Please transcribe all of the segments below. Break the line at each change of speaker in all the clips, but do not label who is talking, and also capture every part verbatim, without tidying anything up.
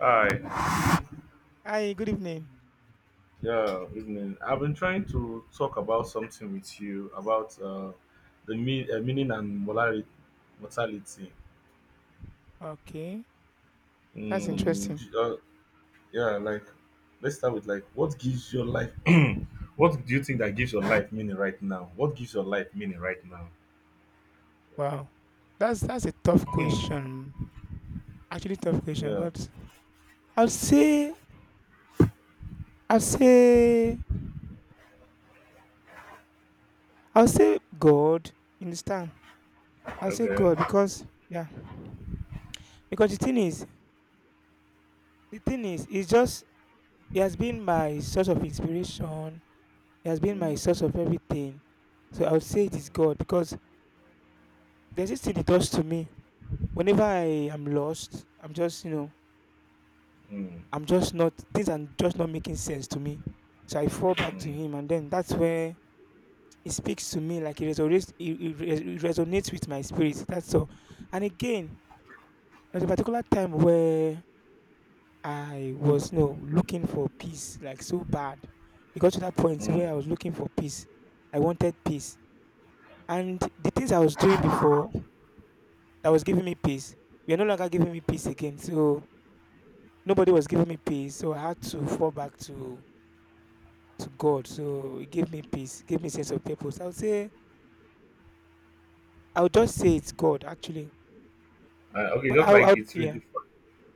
Hi.
Hi, good evening.
Yeah, evening. I've been trying to talk about something with you about uh, the mean, uh, meaning and morality, mortality.
Okay, that's
Mm,
interesting.
j- uh, yeah, like let's start with like what gives your life. What do you think that gives your life meaning right now? What gives your life meaning right now?
Wow, that's that's a tough
Hmm.
question. Actually, tough question.
Yeah.
But I'll say, I'll say, I'll say God. You understand? I'll say
Okay.
God because yeah, because the thing is, the thing is, it's just he has been my source of inspiration. He has been my source
Mm,
of everything. So I would say it is God
mm,
because there's this thing he does to me whenever I am lost. I'm just you know
mm,
I'm just not things are just not making sense to me. So I fall back to
mm,
him, and then that's where it speaks to me like it resonates. It, it res- it resonates with my spirit. That's all. And again, there's a particular time where I was you know, looking for peace like so bad. It got to that point where
mm.
I was looking for peace. I wanted peace, and the things I was doing before that was giving me peace, we are no longer giving me peace again. So nobody was giving me peace. So I had to fall back to to God. So it gave me peace, gave me sense of purpose. I would say I would just say it's God actually.
Uh, okay,
But
just
I would,
like
I would
it's
yeah,
really,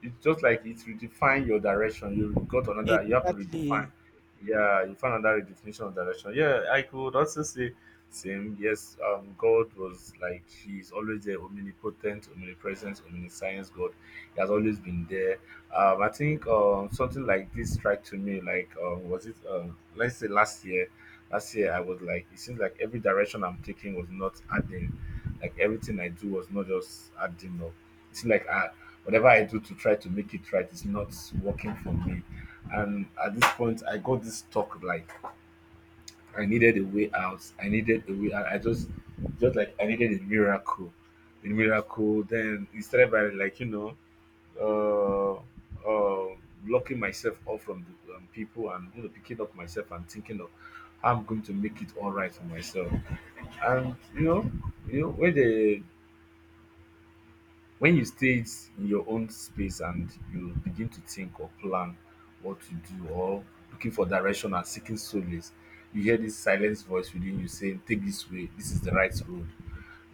it's just like it's redefine your direction. You got another, you have to redefine.
exactly.
Yeah, you find another redefinition of direction. Yeah, I could also say same. Yes, um, God was like He's always there, omnipotent, omnipresent, omniscience. God, He has always been there. Um, I think um something like this strike to me like um was it um let's say last year. Last year I was like it seems like every direction I'm taking was not adding, like everything I do was not just adding up, it's like I, whatever I do to try to make it right is not working for me. And at this point, I got this talk like I needed a way out. I needed a way out. I just, just like I needed a miracle, a miracle. Then it started by like you know, uh, uh, blocking myself off from the um, people, and you know, picking up myself and thinking of how I'm going to make it all right for myself. And you know, you know when the, when you stay in your own space and you begin to think or plan what to do
I-
or looking for direction and seeking solace, you hear this silent voice within you saying, take this way, this is the right road.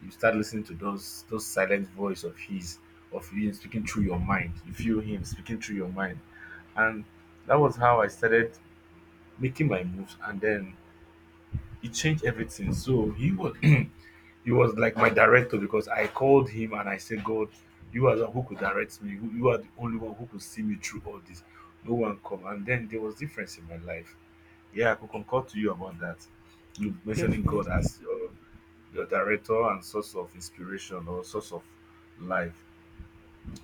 You start listening to those those silent voice of his, of him speaking through your mind. You feel him speaking through your mind. And that was how I started making my moves, and then it changed everything. So he was he was like my director because I called him and I said, God, you are the one who could direct me. You you are the only one who could see me through all this. No one come. And then there was difference in my life. Yeah, I could concord to you about that. You mentioning God
Definitely.
as your, your director and source of inspiration or source of life.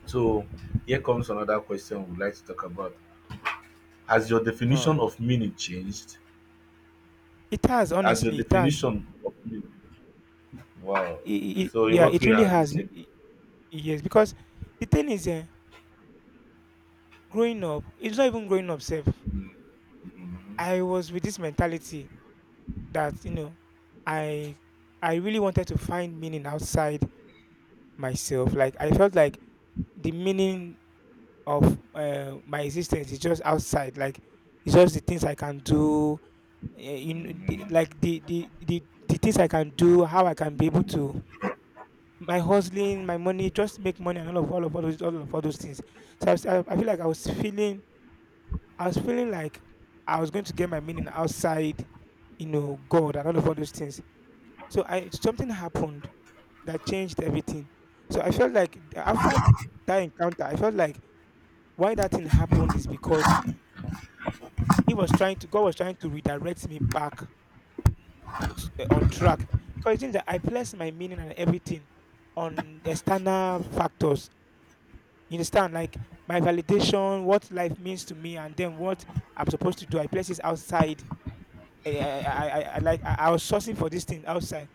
So here comes another question we'd like to talk about. Has your
Wow.
definition of meaning changed?
It has
Has your
honestly, it has.
definition of meaning? Wow.
I- I- I-
So in
yeah,
what
it
way
really
has it
has. Be-
changed?
I- Yes, because the thing is, uh, growing up, it's not even growing up. Self,
Mhm,
I was with this mentality that you know, I I really wanted to find meaning outside myself. Like I felt like the meaning of uh, my existence is just outside like it's just the things I can do uh, you know, the,
mhm.
like the, the the the things I can do how I can be able to my hustling my money just make money and all of all of all, those, all of all those things, so I, was- I, I feel like i was feeling I was feeling like I was going to get my meaning outside you know God and all of all those things. So I, something happened that changed everything. So I felt like after that encounter I felt like why that thing happened is because He was trying to, God was trying to redirect me back t- eh, on track because it seems that I placed my meaning and everything on external factors. You understand? Like my validation, what life means to me, and then what I'm supposed to do. I place it outside. Eh, eh, eh, I, I, I, I like I, I was sourcing for these things outside.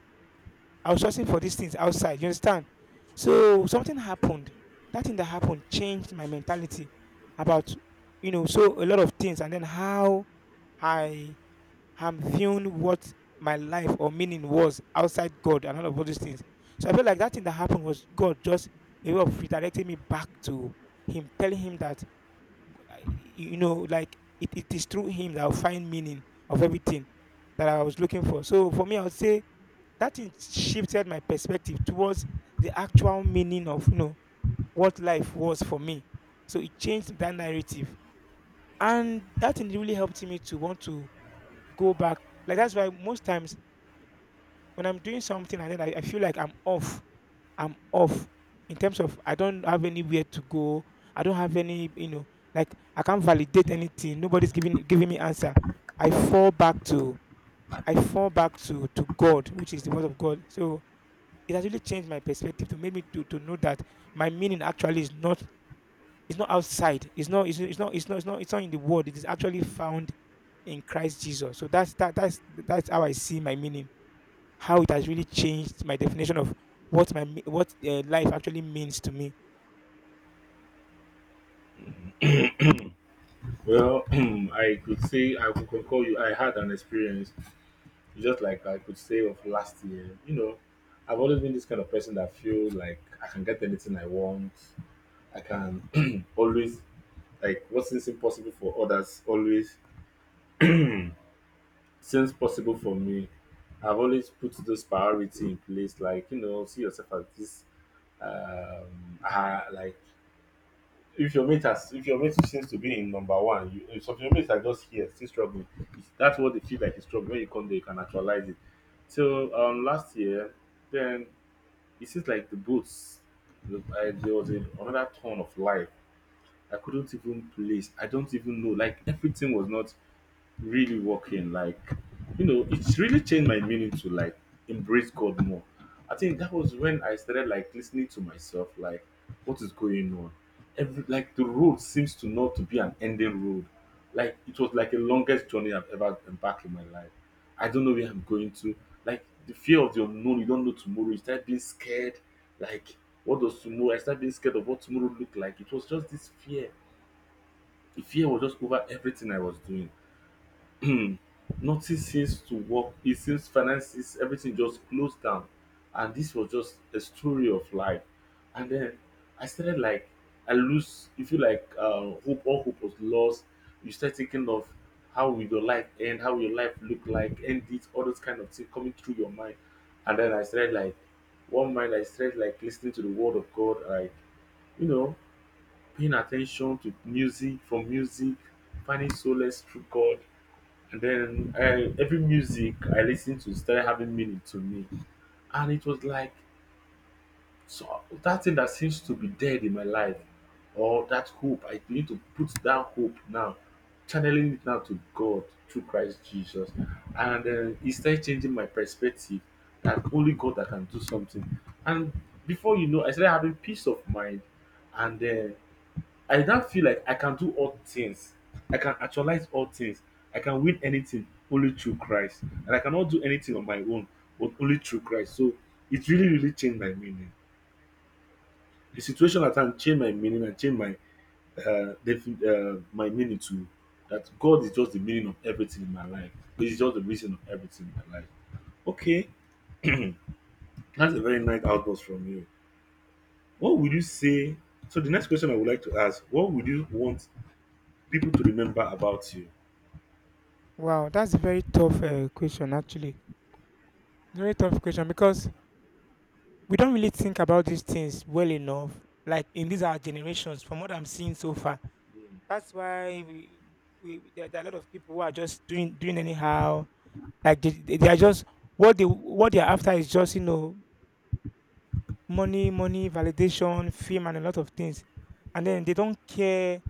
I was sourcing for these things outside. You understand? So something happened. That thing that happened changed my mentality about you know so a lot of things, and then how I I'm viewing what my life or meaning was outside God and all of all these things. So I feel like that thing that happened was God just a way of redirecting me back to Him, telling Him that, uh, you know, like it, it is through Him that I'll find meaning of everything that I was looking for. So for me, I would say that thing shifted my perspective towards the actual meaning of, you know, what life was for me. So it changed that narrative. And that thing really helped me to want to go back. Like that's why most times when I'm doing something and then I, I feel like I'm off, I'm off in terms of I don't have anywhere to go. I don't have any, you know, like I can't validate anything. Nobody's giving giving me answer. I fall back to I fall back to to God, which is the word of God. So it has really changed my perspective to make me to, to know that my meaning actually is not it's not outside. It's not it's, it's not it's not it's not it's not in the world. It is actually found in Christ Jesus. So that's that that's that's how I see my meaning, how it has really changed my definition of what my me- what uh, life actually means to me.
Well, I could say I could concur you. I had an experience, just like I could say of last year. You know, I've always been this kind of person that feels like I can get anything I want. I can always, like what seems impossible for others always seems possible for me. I've always put this priority in place, like you know, see yourself as this um, ah, like if your mate has if your mate seems to be in number one, you if some of your mates are just here still struggling, it's, that's what they feel like is struggle when you come there you can actualize it. So um last year, then it seems like the boots, the, I, there was a, another turn of life. I couldn't even place, I don't even know, like everything was not really working. Like you know, it's really changed my meaning to like embrace God more. I think that was when I started like listening to myself, like what is going on. Every like the road seems to not to be an ending road. Like it was like the longest journey I've ever embarked in my life. I don't know where I'm going to, like the fear of the unknown, you don't know tomorrow, you start being scared. Like what does tomorrow, I started being scared of what tomorrow look like. It was just this fear, the fear was just over everything I was doing. Hmm. Nothing seems to work. It seems finances, everything just closed down. And this was just a story of life. And then I started like, I lose, you feel like uh, hope, all hope was lost. You start thinking of how will your life end, how will your life look like, end it, all those kind of things coming through your mind. And then I started like, one mind, I started like listening to the word of God, like, you know, paying attention to music, from music, finding solace through God, and then uh, every music I listened to started having meaning to me. And it was like so that thing that seems to be dead in my life, or that hope, I need to put that hope now, channeling it now to God through Christ Jesus. And then it started changing my perspective that only God that can do something. And before you know, I started having peace of mind. And then I now feel like I can do all things. I can actualize all things. I can win anything only through Christ. And I cannot do anything on my own, but only through Christ. So it really, really changed my meaning. The situation at hand changed my meaning and changed my uh, defi- uh my meaning to that God is just the meaning of everything in my life. He's just the reason of everything in my life. Okay, that's a very nice outburst from you. What would you say? So the next question I would like to ask: what would you want people to remember about you?
Wow, that's a very tough uh, question actually. Very tough question because we don't really think about these things well enough. Like in these our generations, from what I'm seeing so far,
Mm.
that's why we, we there, there are a lot of people who are just doing doing anyhow. Like they, they they are just what they what they are after is just you know money, money, validation, fame, and a lot of things, and then they don't care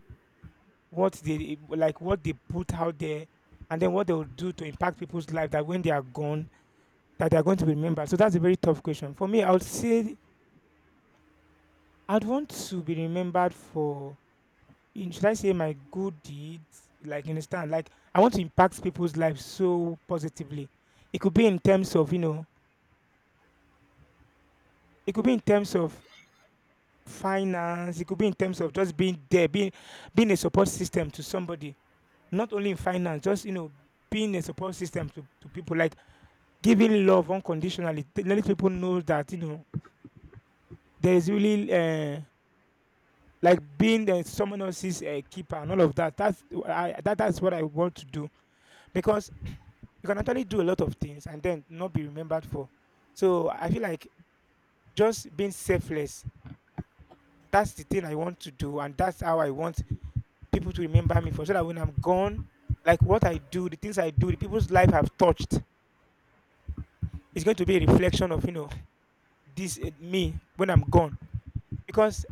what they like what they put out there and then what they will do to impact people's life, that when they are gone that they are going to be remembered. So that's a very tough question for me. I would say I'd want to be remembered for, in should I say my good deeds. Like you understand, like I want to impact people's lives so positively. It could be in terms of you know it could be in terms of finance, it could be in terms of just being there, being being a support system to somebody, not only in finance, just you know being a support system to, to people, like giving love unconditionally, t- letting people know that, you know, there is really uh, like being uh, someone else's uh, keeper and all of that. That's I, that, that's what I want to do because you can actually do a lot of things and then not be remembered for. So I feel like just being selfless. That's the thing I want to do, and that's how I want people to remember me for. So that when I'm gone, like what I do, the things I do, the people's life I've touched, it's going to be a reflection of you know this uh, me when I'm gone. Because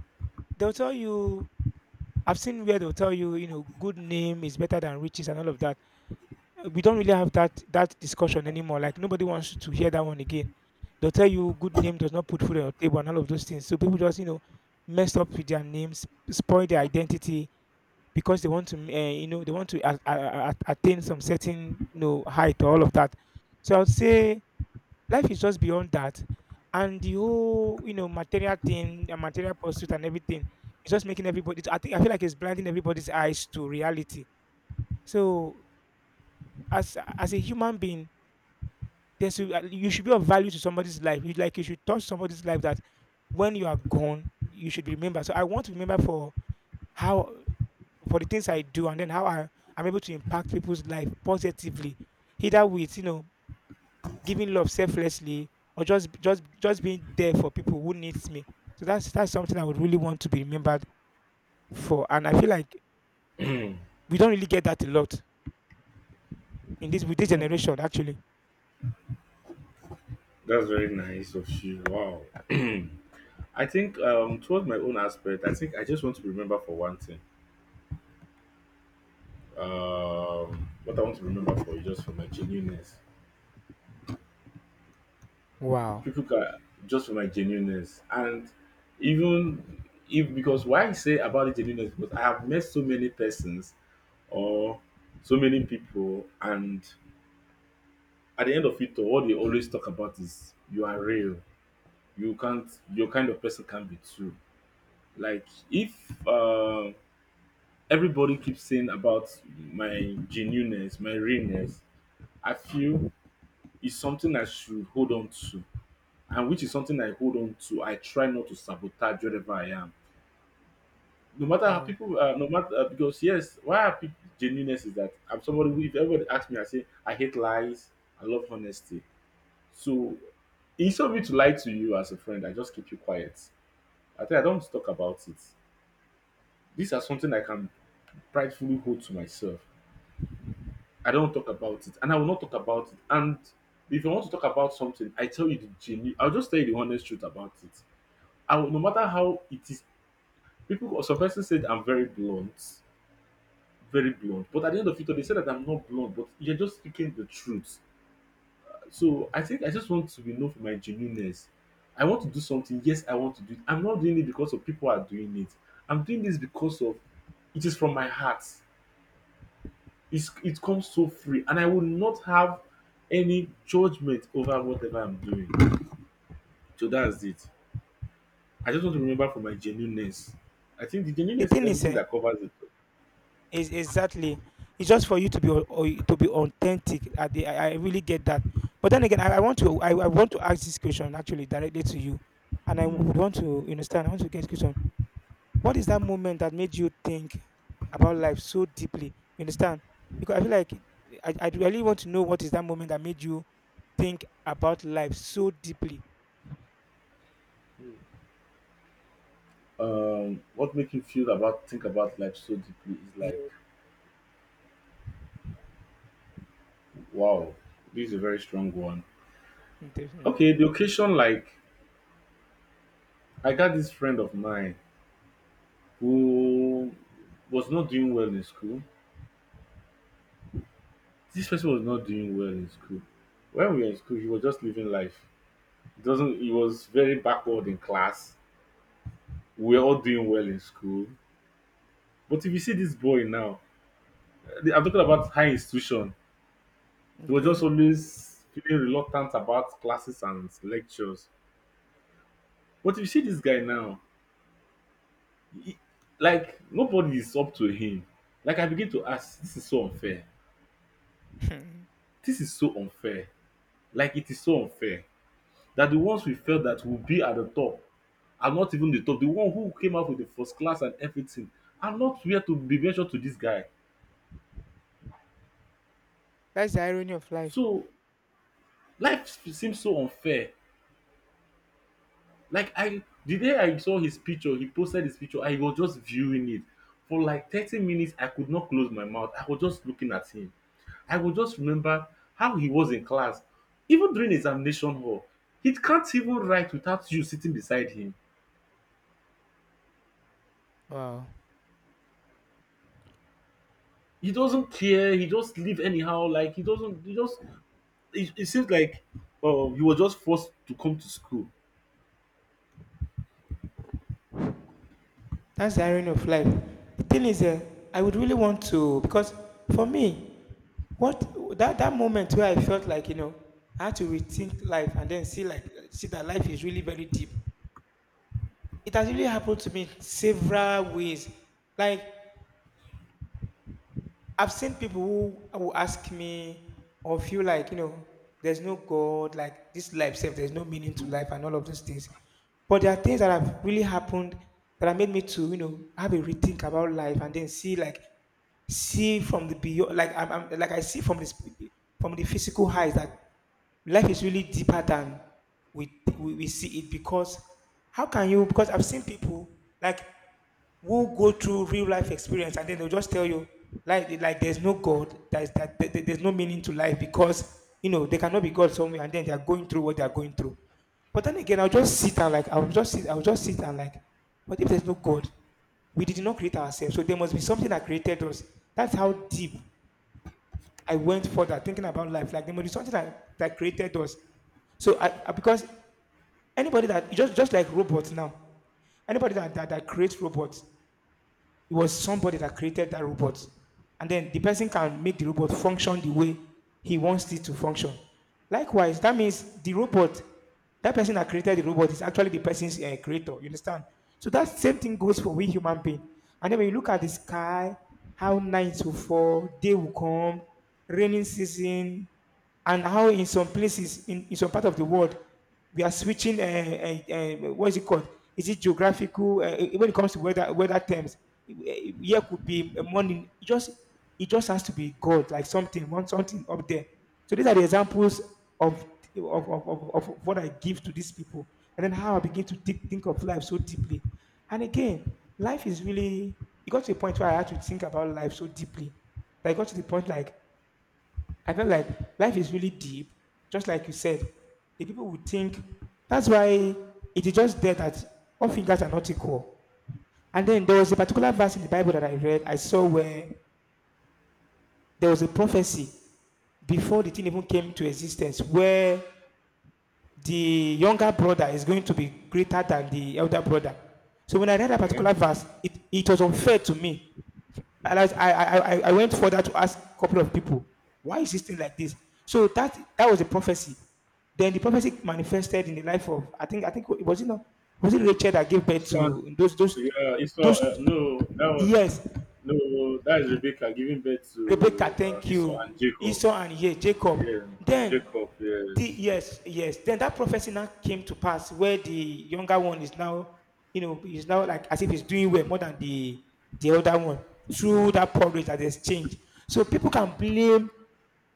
they'll tell you, I've seen where they'll tell you, you know, good name is better than riches and all of that. Uh, We don't really have that that discussion anymore. Like nobody wants to hear that one again. They'll tell you good name does not put food on your table and all of those things. So people just, you know, mess up with their names, spoil their identity because they want to, uh, you know, they want to a- a- a- attain some certain, you know, height or all of that. So I would say life is just beyond that. And the whole, you know, material thing, and material pursuit and everything, it's just making everybody I think I feel like it's blinding everybody's eyes to reality. So as as a human being, there's a- you should be of value to somebody's life. You like you should touch somebody's life, that when you are gone, you should be remembered. So I want to remember for how, for the things I do and then how I, I'm able to impact people's life positively, either with you know giving love selflessly, or just just just being there for people who needs me. So that's that's something I would really want to be remembered for, and I feel like we don't really get that a lot in this with this generation actually.
That's very nice of you. Wow. I think um towards my own aspect, I think I just want to remember for one thing. Um what I want to remember for is just for my genuineness.
Wow.
People can, just for my genuineness. And even, if because why I say about the genuineness because I have met so many persons or so many people, and at the end of it all, what they always talk about is you are real. You can't, your kind of person can be true. Like if um everybody keeps saying about my genuineness, my realness. I feel is something I should hold on to, and which is something I hold on to. I try not to sabotage wherever I am. No matter how
Wow.
people, uh, no matter uh, because yes, why I pick genuineness is that I'm somebody who, if everybody asks me, I say I hate lies. I love honesty. So instead of me to lie to you as a friend, I just keep you quiet. I think I don't talk about it. These are something I can pridefully hold to myself. I don't talk about it, and I will not talk about it. And if I want to talk about something, I tell you the genuine. I'll just tell you the honest truth about it. I will, no matter how it is, people. Some person said I'm very blunt, very blunt. But at the end of it all, they said that I'm not blunt, but you're just speaking the truth. So I think I just want to be known for my genuineness. I want to do something. Yes, I want to do it. I'm not doing it because of people are doing it. I'm doing this because of it is from my heart. It's, it comes so free, and I will not have any judgment over whatever I'm doing. So that's it. I just want to remember for my genuineness. I think the
The
genuineness is
thing is,
everything
eh,
that covers it.
is exactly it's just for you to be au- au- to be authentic. At the, I, I really get that, but then again, I, I want to I, I want to ask this question actually directly to you, and I
Mm.
would want to understand. I want to get this question. What is that moment that made you think about life so deeply? You understand? Because I feel like I, I really want to know what is that moment that made you think about life so deeply.
Um, what makes you feel about think about life so deeply is
Yeah,
like, wow, this is a very strong one. Okay,
definitely.
the occasion, like I got this friend of mine who was not doing well in school. This person was not doing well in school. When we were in school, he was just living life. Doesn't, he was very backward in class. We were all doing well in school. But if you see this boy now, eh, I'm talking about high institution. He was just
Okay.
always feeling reluctant about classes and lectures. But if you see this guy now, he, like nobody is up to him. Like I begin to ask, this is so unfair. This is so unfair. Like it is so unfair that the ones we felt that will be at the top are not even the top. The one who came out with the first class and everything are not where to be measured to this guy.
That's the irony of life.
So life seems so unfair. Like I the day I saw his picture, he posted his picture, I was just viewing it. For like thirty minutes, I could not close my mouth. I was just looking at him. I would just remember how he was in class. Even during examination hall, he can't even write without you sitting beside him.
Wow.
He doesn't care, he just leave anyhow, like he doesn't he just it, it seems like um he was just forced to come to school.
That's the irony of life. The thing is, uh, I would really want to, because for me, what that, that moment where I felt like, you know, I had to rethink life and then see like see that life is really very deep. It has really happened to me several ways. Like I've seen people who, who ask me or feel like, you know, there's no God, like this life self, there's no meaning to life and all of those things. But there are things that have really happened that have made me to, you know, have a rethink about life, and then see, like, see from the beyond. Like I'm, I'm like I see from this, from the physical highs, that life is really deeper than we, we we see it. Because how can you? Because I've seen people, like, who go through real life experience and then they'll just tell you, like like there's no god, that, is, that, that- that there's no meaning to life. Because you know they cannot be god somewhere and then they're going through what they're going through. But then again, I'll just sit and like I'll just sit I'll just sit and like what if there's no god? We did not create ourselves, so there must be something that created us. That's how deep i went further thinking about life. Like there must be something that, that created us. So I, I- because anybody that, just just like robots now, anybody that, that, that creates robots, it was somebody that created that robot. And then the person can make the robot function the way he wants it to function. Likewise, that means the robot, that person that created the robot is actually the person's uh, creator. You understand? So that same thing goes for we human being. And then when you look at the sky, how night will fall, day will come, raining season, and how in some places in, in some part of the world we are switching, uh, uh, uh, what is it called, is it geographical, uh, uh, when it comes to weather weather terms, uh, here could be a morning, it just it just has to be god, like something, one something up there. So these are the examples of of, of, of, of what i give to these people, and then how i begin to think, think of life so deeply. And again, life is really, it got to a point where i had to think about life so deeply. I got to the point, like I felt like life is really deep. Just like you said, the people would think, that's why it is just there that all fingers are not equal. And then there was a particular verse in the Bible that I read, I saw where there was a prophecy before the thing even came to existence, where the younger brother is going to be greater than the elder brother. So when I read that
Okay.
particular verse, it, it was unfair to me. And I, I, I, I- I went further to ask a couple of people, why is this thing like this? So that that was a prophecy. Then the prophecy manifested in the life of, I think I think was it, know, was it Rachel that gave birth
So,
to those, those
yeah, it's uh,
those
no, that was
years.
no, that is Rebecca giving birth
Rebecca,
to uh,
thank
Esau
you.
and Jacob.
Esau and, yeah, Jacob.
Yeah,
Then
Jacob.
the
Yes.
yes, yes. Then that prophecy now came to pass, where the younger one is now, you know, is now like as if he's doing well more than the the other one through that porridge that exchange. So people can blame,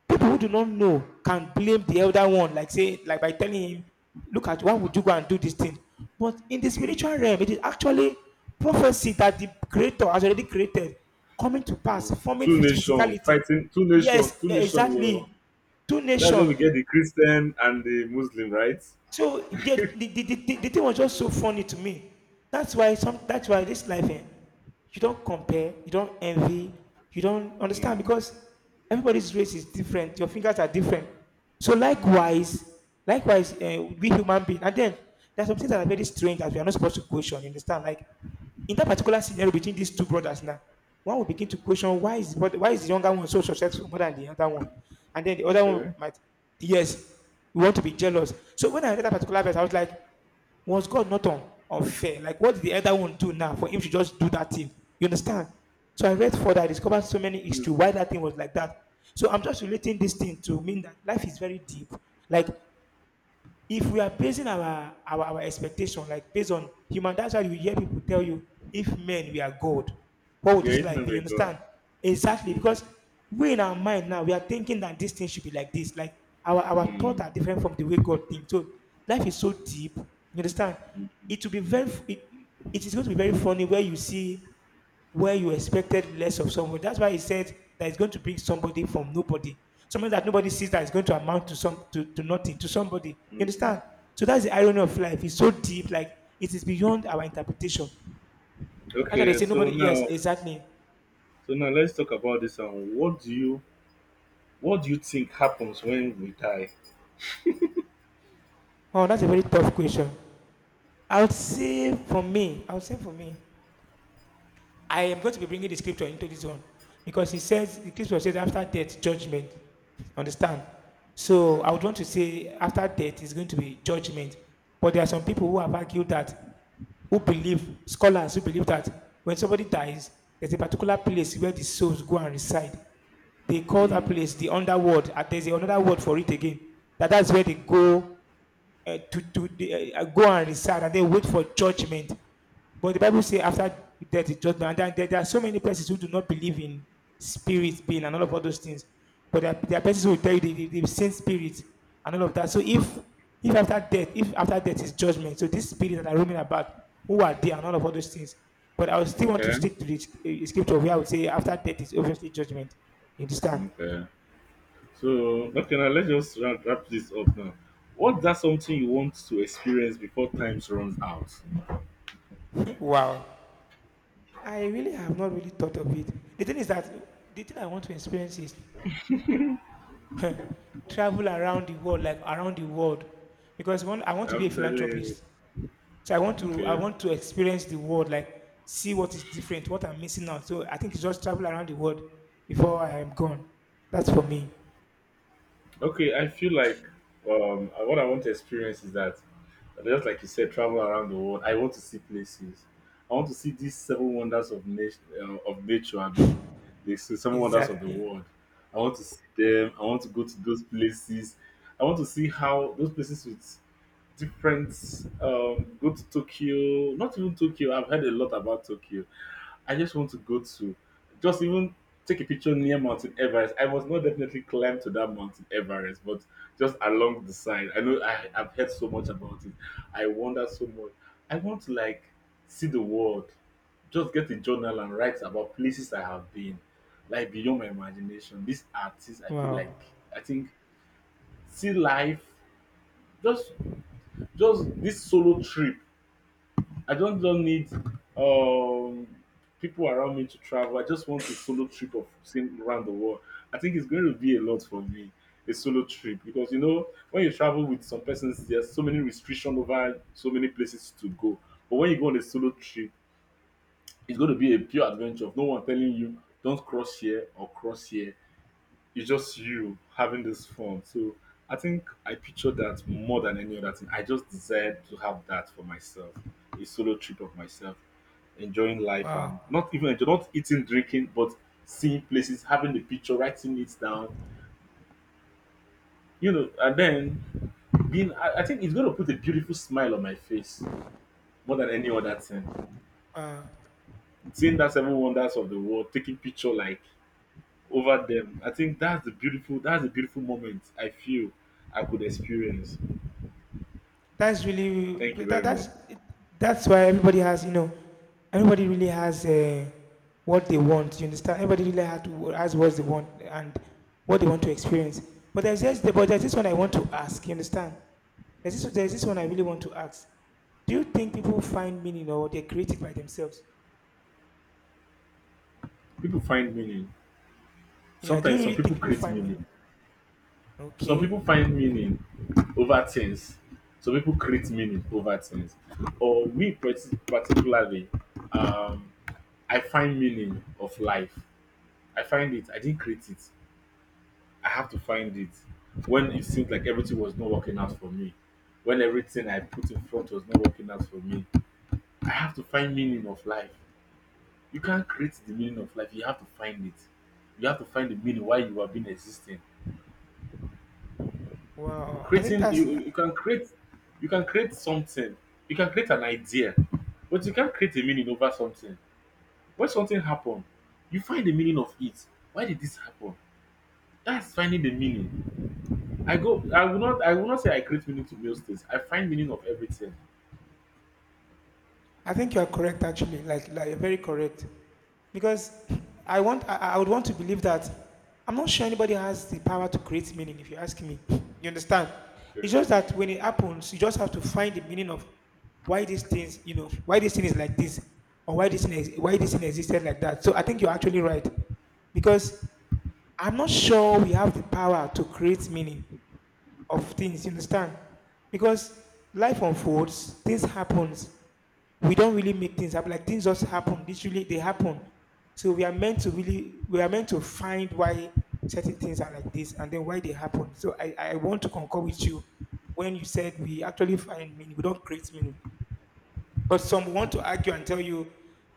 people who do not know can blame the elder one, like say, like by telling him, look at, why would you go and do this thing? But in the spiritual realm, it is actually prophecy that the creator has already created coming to pass,
Mm.
forming
Two
phys-
nation
physicality.
fighting. Two nation.
Yes,
Two nation. You know,
exactly. Two
that's where
nations.
we get the Christian and the Muslim, right?
So the, the, the, the, the thing was just so funny to me. That's why some, that's why this life, eh, you don't compare, you don't envy, you don't understand,
Mm.
because everybody's race is different, your fingers are different. So
Mm.
likewise, likewise, uh, we human beings, and then there's some things that are very strange that we are not supposed to question, you understand? Like in that particular scenario between these two brothers now, one will begin to question, why is, but why is the younger one so successful, more than the other one, and then the other one
Okay.
might, yes, we want to be jealous. So when I read that particular verse, I was like, was God not unfair? Like what did the other one do now for him to just do that thing? You understand? So I read further, I discovered so many issues
Mhm.
why that thing was like that. So I'm just relating this thing to mean that life is very deep. Like if we are basing our, our our expectation like based on human, that's why you hear people tell you, if men we are god, what would
Yeah,
this
it
life
may
be? You
be God.
understand? Exactly,
Mhm.
because we, in our mind now, we are thinking that this thing should be like this, like our our thoughts
Mm.
are different from the way god thinks. So life is so deep, you understand. It will be very, it, it is going to be very funny where you see, where you expected less of someone. That's why he said that it's going to bring somebody from nobody. Something that nobody sees that is going to amount to some to, to nothing, to somebody. You
Mm.
understand? So that's the irony of life. It's so deep, like it is beyond our interpretation. That's why they
Okay,
say
so
nobody, yes,
now,
exactly.
so now let's talk about this. And what do you, what do you think happens when we die?
Wow, that's a very tough question. I would say for me, I would say for me, I am going to be bringing the scripture into this one, because it says, the scripture says, after death, judgment. Understand? So I would want to say, after death is going to be judgment. But there are some people who have argued that, who believe, scholars who believe that when somebody dies, there's a particular place where the souls go and reside. They call that place the underworld. And there's another word for it again. That that's where they go uh, to, to uh, go and recite and then wait for judgment. But the Bible says after death is judgment. And there, there are so many persons who do not believe in spirit being and all of all those things. But there, there are persons who will tell you they, they, have seen spirit and all of that. So if if after death, if after death is judgment, so these spirits that are roaming about, who are there and all of all those things. But I would still want to
Okay.
stick to the uh, scripture, where I would say after death is obviously judgment. You understand?
Okay. So, okay, now let's just wrap, wrap this up now. What's that something you want to experience before times runs out?
Wow. I really have not really thought of it. The thing is that the thing I want to experience is travel around the world, like around the world, because one, I want to be a
I'm telling you.
philanthropist. So I want to, I
Okay.
want to experience the world, like see what is different, what I'm missing out. So I think it's just travel around the world before I am gone. That's for me.
Okay, I feel like um, uh, what I want to experience is that, just like you said, travel around the world. I want to see places. I want to see these seven wonders of nation, uh, of nature, Abi. The se- seven wonders of the
Exactly.
world. I want to see them. I want to go to those places. I want to see how those places with different um go to Tokyo, not even Tokyo, I've heard a lot about Tokyo. I just want to go to just even take a picture near Mountain Everest. I was not definitely climb to that Mountain Everest, but just along the side. I know I, I've heard so much about it. I wonder so much. I want to like see the world, just get a journal and write about places I have been, like beyond my imagination. These artists, I feel like
Wow.
I think see life, just just this solo trip, I don't, don't need um, people around me to travel. I just want a solo trip of seeing around the world. I think it's going to be a lot for me, a solo trip, because you know, when you travel with some persons, there's so many restrictions over so many places to go. But when you go on a solo trip, it's going to be a pure adventure of no one telling you, don't cross here or cross here, it's just you having this fun. So I think I picture that more than any other thing. I just desired to have that for myself, a solo trip of myself, enjoying life
Wow.
and not even enjoy, not eating, drinking, but seeing places, having the picture, writing it down, you know, and then being. I, I think it's going to put a beautiful smile on my face more than any other thing. Seeing that seven wonders of the world, taking picture like over them. I think that's the beautiful. That's the beautiful moment I feel I could experience.
That's really
Thank you
that,
very much.
that's that's why everybody has, you know, everybody really has uh, what they want. You understand? Everybody really has, to, has what they want and what they want to experience. But there's just, but there's this one I want to ask. You understand? There's this there's this one I really want to ask. Do you think people find meaning or they create it by themselves?
People find meaning.
Yeah. Do you
Sometimes some
really think
people
people
create
find meaning?
meaning. Some
Okay.
people find meaning over things. Some people create meaning over things. Or me parti- particularly, um, I find meaning of life. I find it. I didn't create it. I have to find it. When it seemed like everything was not working out for me, when everything I put in front was not working out for me, I have to find meaning of life. You can't create the meaning of life. You have to find it. You have to find the meaning why you have been existing.
Wow. I think
Creating you,
that's,
you you can create you can create something. You can create an idea, but you can't create a meaning over something. When something happen, you find the meaning of it. Why did this happen? That's finding the meaning. I go. I will not. I will not say I create meaning to most things. I find meaning of everything.
I think you are correct actually, like like you're very correct, because I want, I, I would want to believe that I'm not sure anybody has the power to create meaning. If you ask me, you understand.
Okay.
It's just that when it happens, you just have to find the meaning of why these things, you know, why this thing is like this, or why this thing is, why this thing existed like that. So I think you're actually right, because I'm not sure we have the power to create meaning of things. You understand? Because life unfolds, things happens. We don't really make things happen. Like things just happen. Literally, they happen. So we are meant to really, we are meant to find why certain things are like this and then why they happen. So I, I want to concur with you when you said we actually find meaning. We don't create meaning. But some want to argue and tell you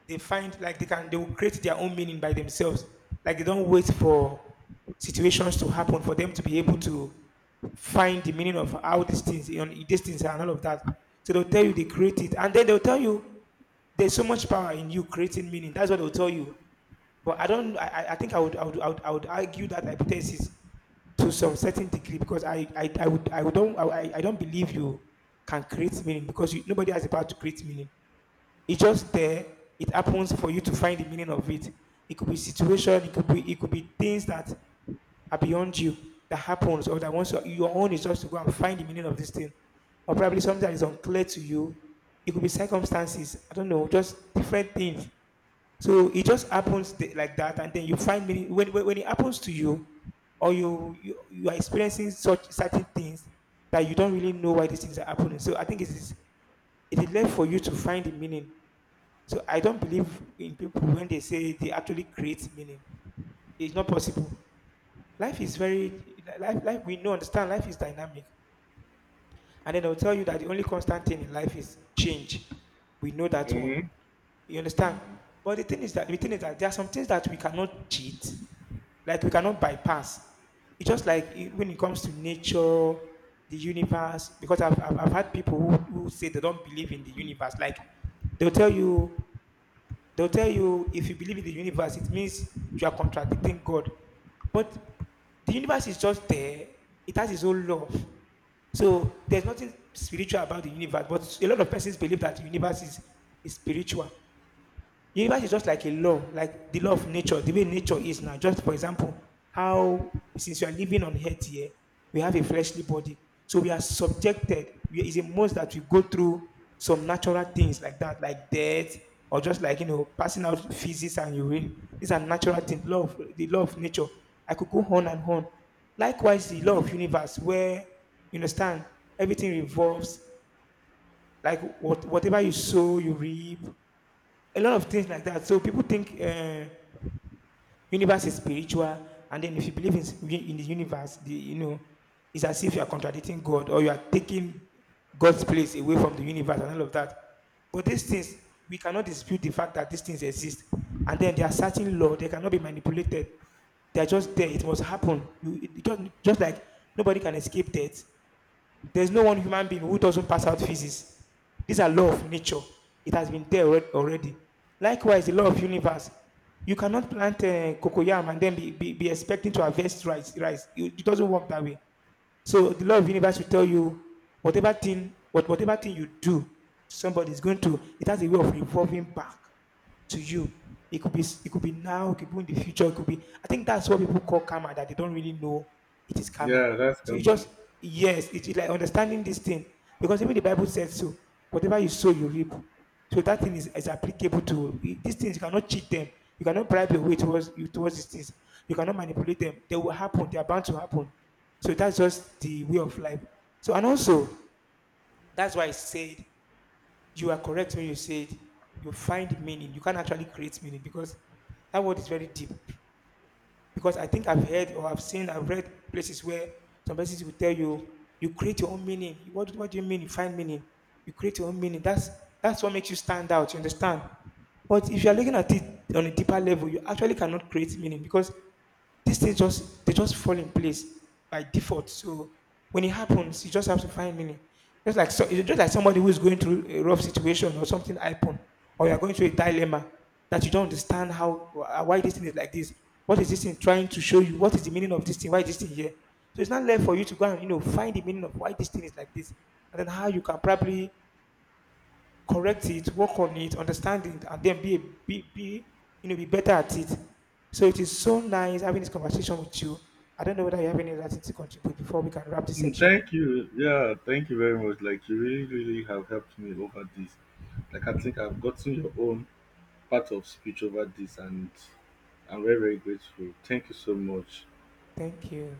they find, like they can, they will create their own meaning by themselves. Like they don't wait for situations to happen for them to be able to find the meaning of how these things, you know, these things are and all of that. So they'll tell you they create it, and then they'll tell you there's so much power in you creating meaning. That's what they'll tell you. But I don't. I, I I think I would, I would I would I would argue that hypothesis to some certain degree, because I I, I would I would don't I, I don't believe you can create meaning, because you, nobody has the power to create meaning. It's just there. It happens for you to find the meaning of it. It could be situation. It could be, it could be things that are beyond you that happens, or that once your, your own is just to go and find the meaning of this thing, or probably something that is unclear to you. It could be circumstances. I don't know. Just different things. So it just happens th- like that, and then you find meaning when when, when it happens to you, or you, you you are experiencing such certain things that you don't really know why these things are happening. So I think it is it is left for you to find the meaning, so I don't believe in people when they say they actually create meaning. It's not possible. Life is very life life we know, understand life is dynamic. And then I'll tell you that the only constant thing in life is change. We know that one.
Mm-hmm.
You understand?
Mm-hmm.
But the thing is that the thing is that there are some things that we cannot cheat, like we cannot bypass. It's just like i- when it comes to nature, the universe, because I've, I've, I've had people who, who say they don't believe in the universe. Like they'll tell you. They'll tell you if you believe in the universe, it means you are contradicting God. But the universe is just there, it has its own love. So there's nothing spiritual about the universe, but a lot of persons believe that the universe is, is spiritual. Universe is just like a law, like the law of nature, the way nature is now. Just for example, how, since we are living on earth here, we have a fleshly body. So we are subjected. We, it's a must that we go through some natural things like that, like death, or just like, you know, passing out feces and urine. These are natural things, law of, the law of nature. I could go on and on. Likewise, the law of universe, where, you understand, everything revolves, like what, whatever you sow, you reap, a lot of things like that. So people think, uh, universe is spiritual, and then if you believe in, in the universe, the, you know, it's as if you are contradicting God or you are taking God's place away from the universe and all of that. But these things, we cannot dispute the fact that these things exist, and then there are certain laws; they cannot be manipulated. They are just there. It must happen. You it, just just like nobody can escape death. There's no one human being who doesn't pass out physics. These are law of nature. It has been there already. Likewise, the law of universe. You cannot plant uh, cocoyam and then be, be, be expecting to harvest rice. rice. It, it doesn't work that way. So the law of universe will tell you whatever thing, what, whatever thing you do, somebody is going to. It has a way of revolving back to you. It could be it could be now, it could be in the future, it could be. I think that's what people call karma, that they don't really know it is karma.
Yeah, that's
So it
common.
just, yes, it's like understanding this thing because even the Bible says so. Whatever you sow, you reap. So that thing is, is applicable to these things. You cannot cheat them. You cannot bribe your way towards you towards these things. You cannot manipulate them. They will happen. They are bound to happen. So that's just the way of life. So, and also, that's why I said you are correct when you said you find meaning. You can not actually create meaning because that word is very deep. Because I think I've heard, or I've seen, I've read places where some places will tell you you create your own meaning. What what do you mean? You find meaning. You create your own meaning. That's that's what makes you stand out. You understand? But if you are looking at
Mm-hmm.
it on a deeper level, you actually cannot create meaning because these things just, they just fall in place by default. So when it happens, you just have to find meaning. Just like so, it's just like somebody who is going through a rough situation, or something happen, or you are going through a dilemma that you don't understand how wh- why this thing is like this. What is this thing trying to show you? What is the meaning of this thing? Why is this thing here? So it's not left for you to go and, you know find the meaning of why this thing is like this, and then how you can probably correct it, work on it, understand it, and then be a, be, be, you know be better at it. So it is so nice having this conversation with you. I don't know whether you have any other thing to contribute before we can wrap this section.
Thank you. Yeah, thank you very much. Like you really, really have helped me over this. Like I think I've gotten your own part of speech over this and I'm very, very grateful. Thank you so much.
Thank you.